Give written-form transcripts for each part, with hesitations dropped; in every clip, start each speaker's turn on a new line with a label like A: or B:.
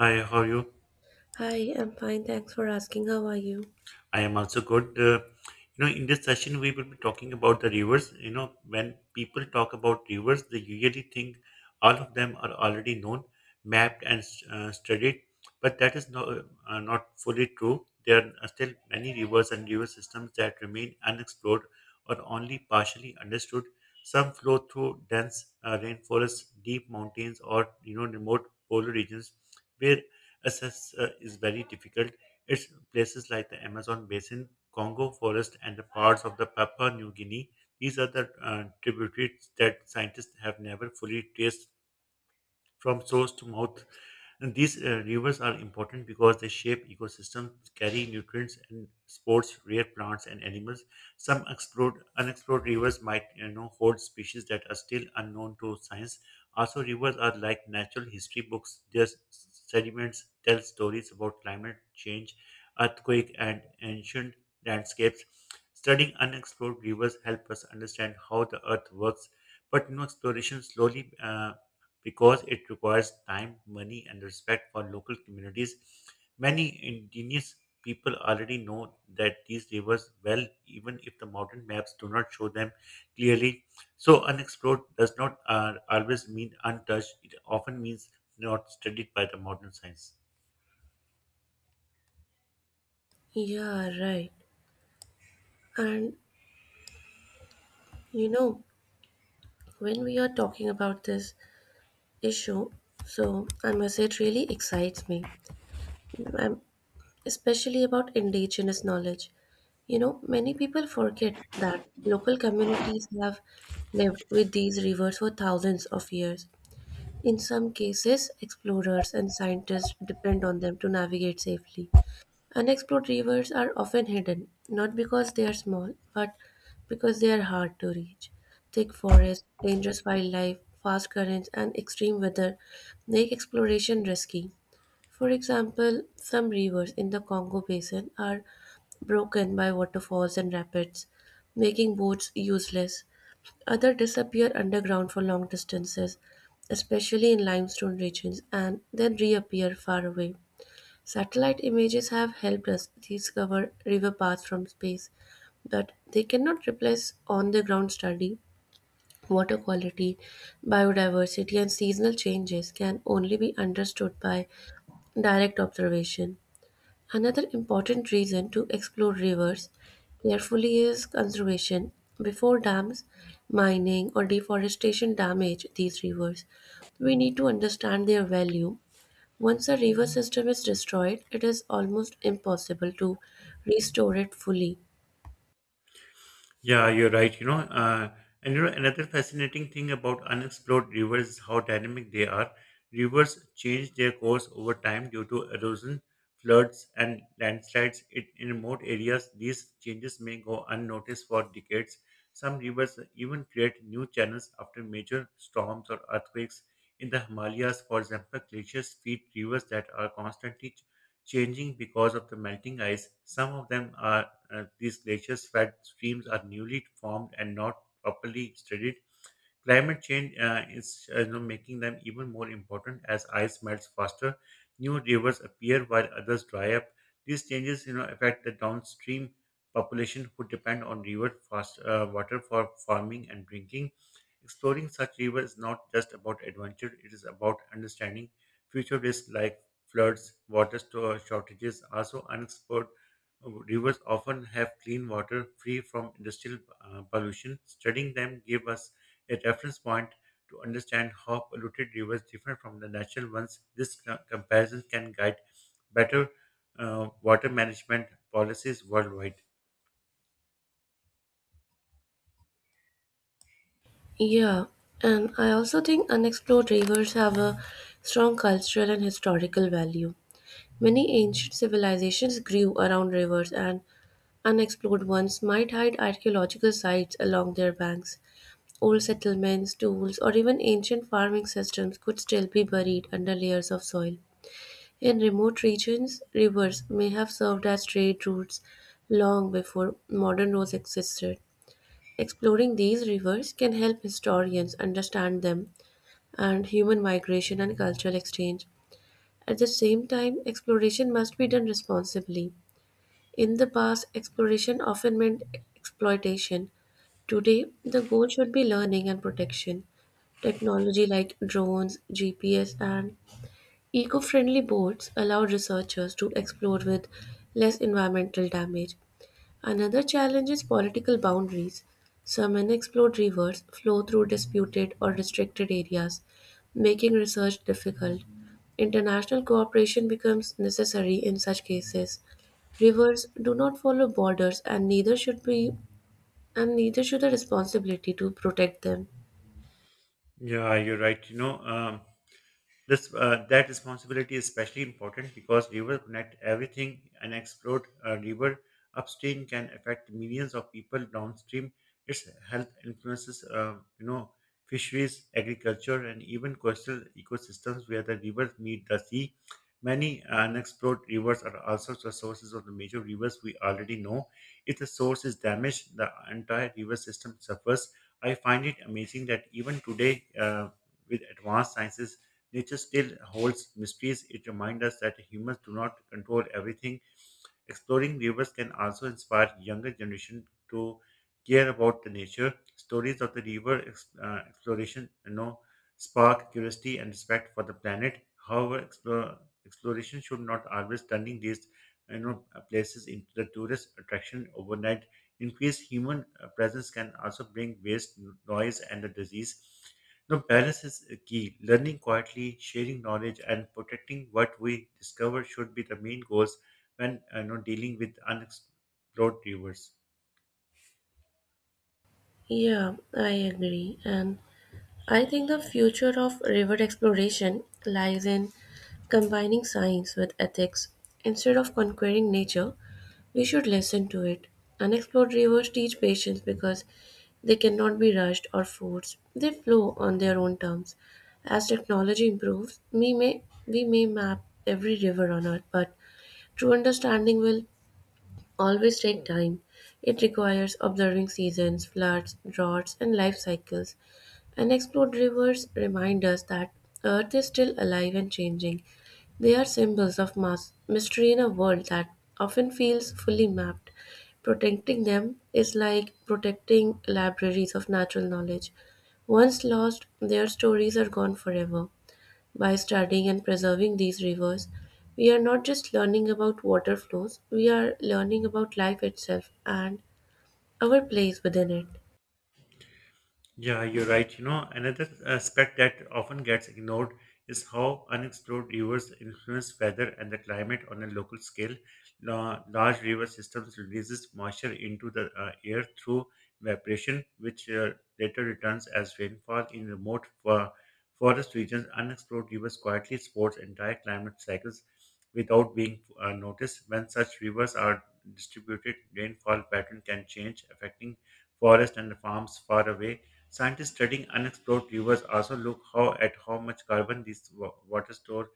A: Hi, how are you?
B: Hi, I'm fine. Thanks for asking. How are you?
A: I am also good. In this session, we will be talking about the rivers. You know, when people talk about rivers, they usually think all of them are already known, mapped, and studied. But that is no, not fully true. There are still many rivers and river systems that remain unexplored or only partially understood. Some flow through dense rainforests, deep mountains, or you know, remote polar regions where access is very difficult. It's places like the Amazon basin, Congo forest, and the parts of the Papua New Guinea. These are the tributaries that scientists have never fully traced from source to mouth. And these rivers are important because they shape ecosystems, carry nutrients, and sports rare plants and animals. Some explored, unexplored rivers might you know, hold species that are still unknown to science. Also, rivers are like natural history books. Their sediments tell stories about climate change, earthquake, and ancient landscapes. Studying unexplored rivers help us understand how the earth works, but no exploration slowly because it requires time, money, and respect for local communities. Many indigenous people already know that these rivers well, even if the modern maps do not show them clearly. So, unexplored does not always mean untouched, it often means not studied by the modern science.
B: Yeah, right. And you know, when we are talking about this issue, so I must say it really excites me. I'm especially about indigenous knowledge. You know, many people forget that local communities have lived with these rivers for thousands of years. In some cases, explorers and scientists depend on them to navigate safely. Unexplored rivers are often hidden, not because they are small, but because they are hard to reach. Thick forests, dangerous wildlife, fast currents, and extreme weather make exploration risky. For example, some rivers in the Congo basin are broken by waterfalls and rapids, making boats useless. Others disappear underground for long distances, especially in limestone regions, and then reappear far away. Satellite images have helped us discover river paths from space, but they cannot replace on the ground study. Water quality, biodiversity, and seasonal changes can only be understood by direct observation. Another important reason to explore rivers carefully is conservation. Before dams, mining, or deforestation damage these rivers, we need to understand their value. Once the river system is destroyed, it is almost impossible to restore it fully.
A: Yeah, you're right. Another fascinating thing about unexplored rivers is how dynamic they are. Rivers change their course over time due to erosion, floods, and landslides. It, in remote areas, these changes may go unnoticed for decades. Some rivers even create new channels after major storms or earthquakes. In the Himalayas, for example, glaciers feed rivers that are constantly changing because of the melting ice. Some of them are these glaciers fed streams are newly formed and not properly studied. Climate change is you know, making them even more important as ice melts faster, new rivers appear while others dry up. These changes, you know, affect the downstream population who depend on river fast water for farming and drinking. Exploring such rivers is not just about adventure; it is about understanding future risks like floods, water store shortages. Also, unexplored rivers often have clean water free from industrial pollution. Studying them give us a reference point to understand how polluted rivers differ from the natural ones. This comparison can guide better water management policies worldwide.
B: Yeah, and I also think unexplored rivers have a strong cultural and historical value. Many ancient civilizations grew around rivers, and unexplored ones might hide archaeological sites along their banks. Old settlements, tools, or even ancient farming systems could still be buried under layers of soil. In remote regions, rivers may have served as trade routes long before modern roads existed. Exploring these rivers can help historians understand them and human migration and cultural exchange. At the same time, exploration must be done responsibly. In the past, exploration often meant exploitation. Today, the goal should be learning and protection. Technology like drones, GPS, and Eco friendly boats allow researchers to explore with less environmental damage. Another challenge is political boundaries. Some unexplored rivers flow through disputed or restricted areas, making research difficult. International cooperation becomes necessary in such cases. Rivers do not follow borders, and neither should the responsibility to protect them.
A: Yeah, you're right. This that responsibility is especially important because river connect everything. And explored river upstream can affect millions of people downstream. Its health influences, you know, fisheries, agriculture, and even coastal ecosystems where the rivers meet the sea. Many unexplored rivers are also the sources of the major rivers we already know. If the source is damaged, the entire river system suffers. I find it amazing that even today, with advanced sciences Nature still holds mysteries. It reminds us that humans do not control everything. Exploring rivers can also inspire younger generation to care about the nature. Stories of the river exploration, you know, spark curiosity and respect for the planet. However, exploration should not always turning these, you know, places into the tourist attraction overnight. Increased human presence can also bring waste, noise, and the disease. No, balance is a key. Learning quietly, sharing knowledge, and protecting what we discover should be the main goals when you know dealing with unexplored rivers.
B: Yeah, I agree. And I think the future of river exploration lies in combining science with ethics. Instead of conquering nature, we should listen to it. Unexplored rivers teach patience because they cannot be rushed or forced. They flow on their own terms. As technology improves, we may map every river on earth, but true understanding will always take time. It requires observing seasons, floods, droughts, and life cycles. Unexplored rivers remind us that Earth is still alive and changing. They are symbols of mass mystery in a world that often feels fully mapped. Protecting them is like protecting libraries of natural knowledge. Once lost, their stories are gone forever. By studying and preserving these rivers, we are not just learning about water flows, we are learning about life itself and our place within it.
A: Yeah, you're right. You know, another aspect that often gets ignored is how unexplored rivers influence weather and the climate on a local scale. Large river systems releases moisture into the air through evaporation, which later returns as rainfall in remote forest regions. Unexplored rivers quietly supports entire climate cycles without being noticed. When such rivers are distributed, rainfall pattern can change, affecting forest and farms far away. Scientists studying unexplored rivers also look how at how much carbon these water store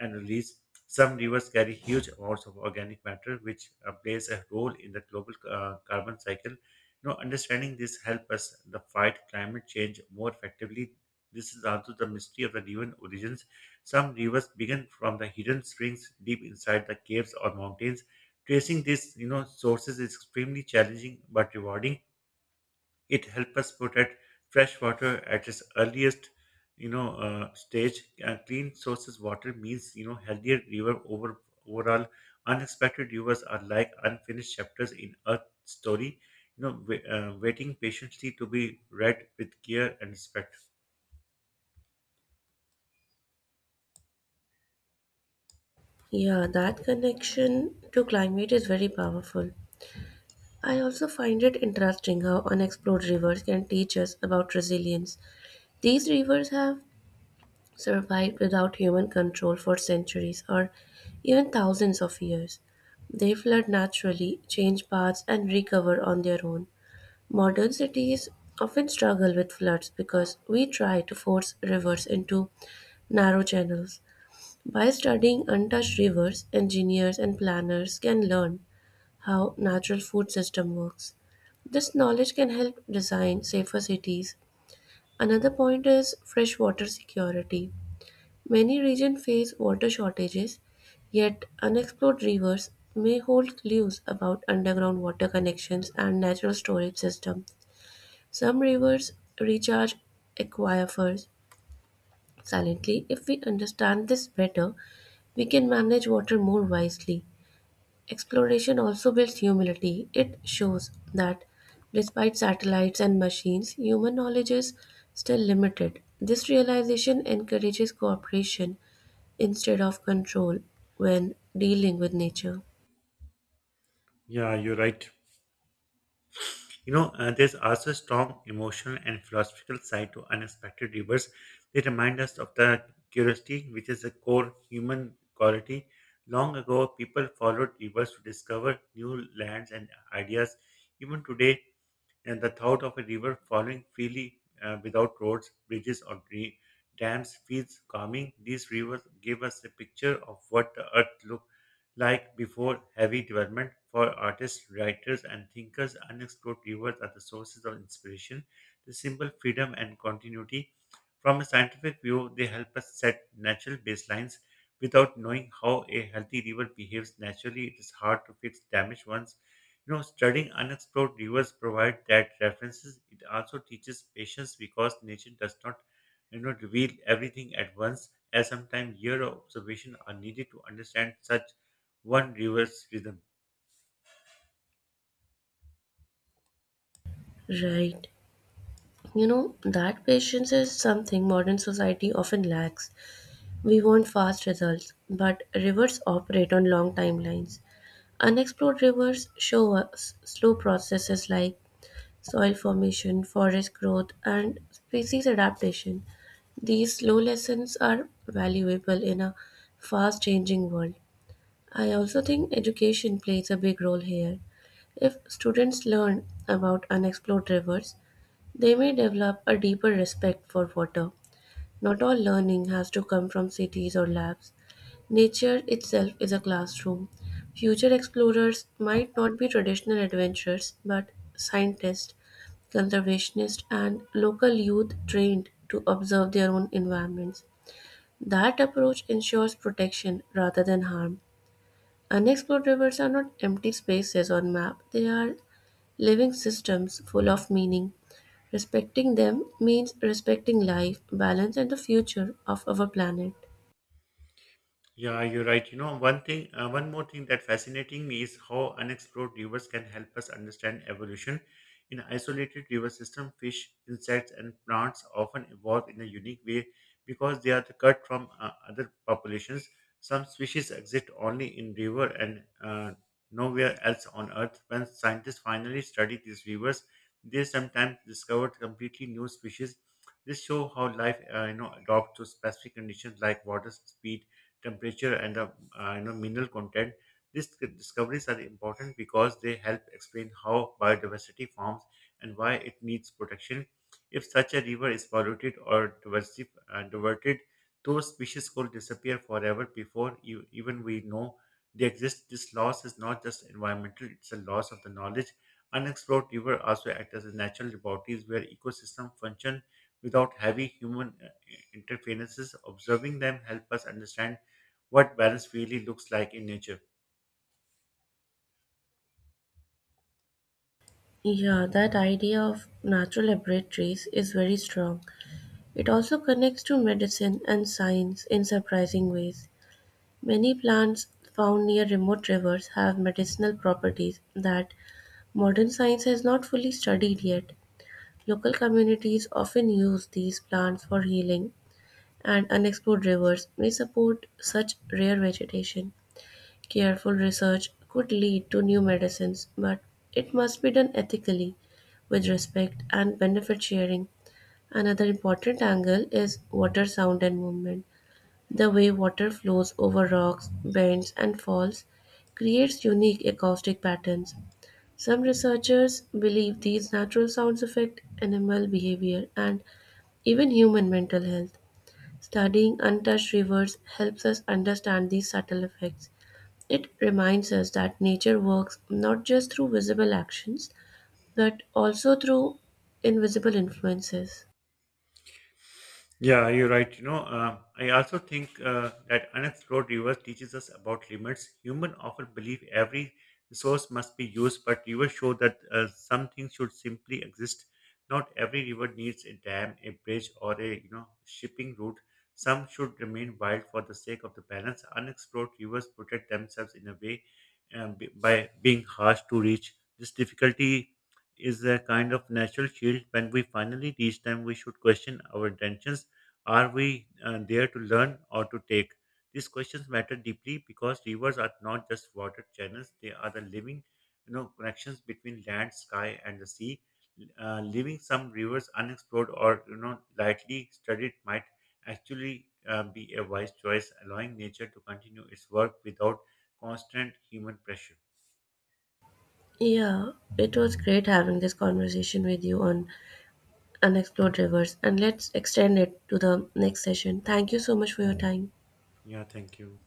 A: and release. Some rivers carry huge amounts of organic matter, which plays a role in the global carbon cycle. You know, understanding this help us the fight climate change more effectively. This is also the mystery of the river origins. Some rivers begin from the hidden springs deep inside the caves or mountains. Tracing these, you know, sources is extremely challenging but rewarding it helps us protect fresh water at its earliest, stage. Clean sources water means you know healthier river over overall. Unexpected rivers are like unfinished chapters in a story, waiting patiently to be read with care and respect.
B: Yeah, that connection to climate is very powerful. I also find it interesting how unexplored rivers can teach us about resilience. These rivers have survived without human control for centuries or even thousands of years. They flood naturally, change paths, and recover on their own. Modern cities often struggle with floods because we try to force rivers into narrow channels. By studying untouched rivers, engineers and planners can learn how natural food system works. This knowledge can help design safer cities. Another point is freshwater security. Many regions face water shortages, yet unexplored rivers may hold clues about underground water connections and natural storage systems. Some rivers recharge aquifers silently. If we understand this better, we can manage water more wisely. Exploration also builds humility. It shows that despite satellites and machines, human knowledge is still limited. This realization encourages cooperation instead of control when dealing with nature.
A: Yeah, you're right. There's also a strong emotional and philosophical side to unexpected rivers. They remind us of the curiosity, which is a core human quality. Long ago, people followed rivers to discover new lands and ideas. Even today, and the thought of a river flowing freely without roads, bridges, or dams feels calming. These rivers give us a picture of what the earth looked like before heavy development. For artists, writers, and thinkers, unexplored rivers are the sources of inspiration. The symbol freedom and continuity. From a scientific view, they help us set natural baselines. Without knowing how a healthy river behaves naturally, it is hard to fix damaged ones. You know, studying unexplored rivers provide that references. It also teaches patience because nature does not, you know, reveal everything at once, as sometimes year of observation are needed to understand such one river's rhythm.
B: Right. You know, that patience is something modern society often lacks. We want fast results, but rivers operate on long timelines. Unexplored rivers show us slow processes like soil formation, forest growth, and species adaptation. These slow lessons are valuable in a fast changing world. I also think education plays a big role here. If students learn about unexplored rivers, they may develop a deeper respect for water. Not all learning has to come from cities or labs. Nature itself is a classroom. Future explorers might not be traditional adventurers, but scientists, conservationists, and local youth trained to observe their own environments. That approach ensures protection rather than harm. Unexplored rivers are not empty spaces on map, they are living systems full of meaning. Respecting them means respecting life, balance, and the future of our planet.
A: Yeah, you're right. One more thing that fascinating me is how unexplored rivers can help us understand evolution. In isolated river system, fish, insects, and plants often evolve in a unique way because they are cut from other populations. Some species exist only in river and nowhere else on Earth. When scientists finally study these rivers, they sometimes discovered completely new species. This show how life, you know, adopts to specific conditions like water, speed temperature and the you know mineral content. These discoveries are important because they help explain how biodiversity forms and why it needs protection. If such a river is polluted or diverted, those species could disappear forever before you, even we know they exist. This loss is not just environmental; it's a loss of the knowledge. Unexplored river also act as a natural laboratories where ecosystem function without heavy human interferences. Observing them help us understand what balance really looks like in nature.
B: Yeah, that idea of natural laboratories is very strong. It also connects to medicine and science in surprising ways. Many plants found near remote rivers have medicinal properties that modern science has not fully studied yet. Local communities often use these plants for healing, and unexplored rivers may support such rare vegetation. Careful research could lead to new medicines, but it must be done ethically with respect and benefit sharing. Another important angle is water sound and movement. The way water flows over rocks, bends, and falls creates unique acoustic patterns. Some researchers believe these natural sounds affect animal behavior and even human mental health. Studying untouched rivers helps us understand these subtle effects. It reminds us that nature works not just through visible actions, but also through invisible influences.
A: Yeah, you're right. I also think that unexplored rivers teaches us about limits. Human often believe every resource must be used, but rivers show that some things should simply exist. Not every river needs a dam, a bridge, or a you know shipping route. Some should remain wild for the sake of the balance. Unexplored rivers protect themselves in a way by being harsh to reach. This difficulty is a kind of natural shield. When we finally reach them, we should question our intentions are we there to learn or to take? These questions matter deeply because rivers are not just water channels; they are the living, you know, connections between land, sky, and the sea. Leaving some rivers unexplored or you know lightly studied might actually be a wise choice, allowing nature to continue its work without constant human pressure.
B: Yeah, it was great having this conversation with you on unexplored rivers, and let's extend it to the next session. Thank you so much for your time.
A: Yeah, thank you.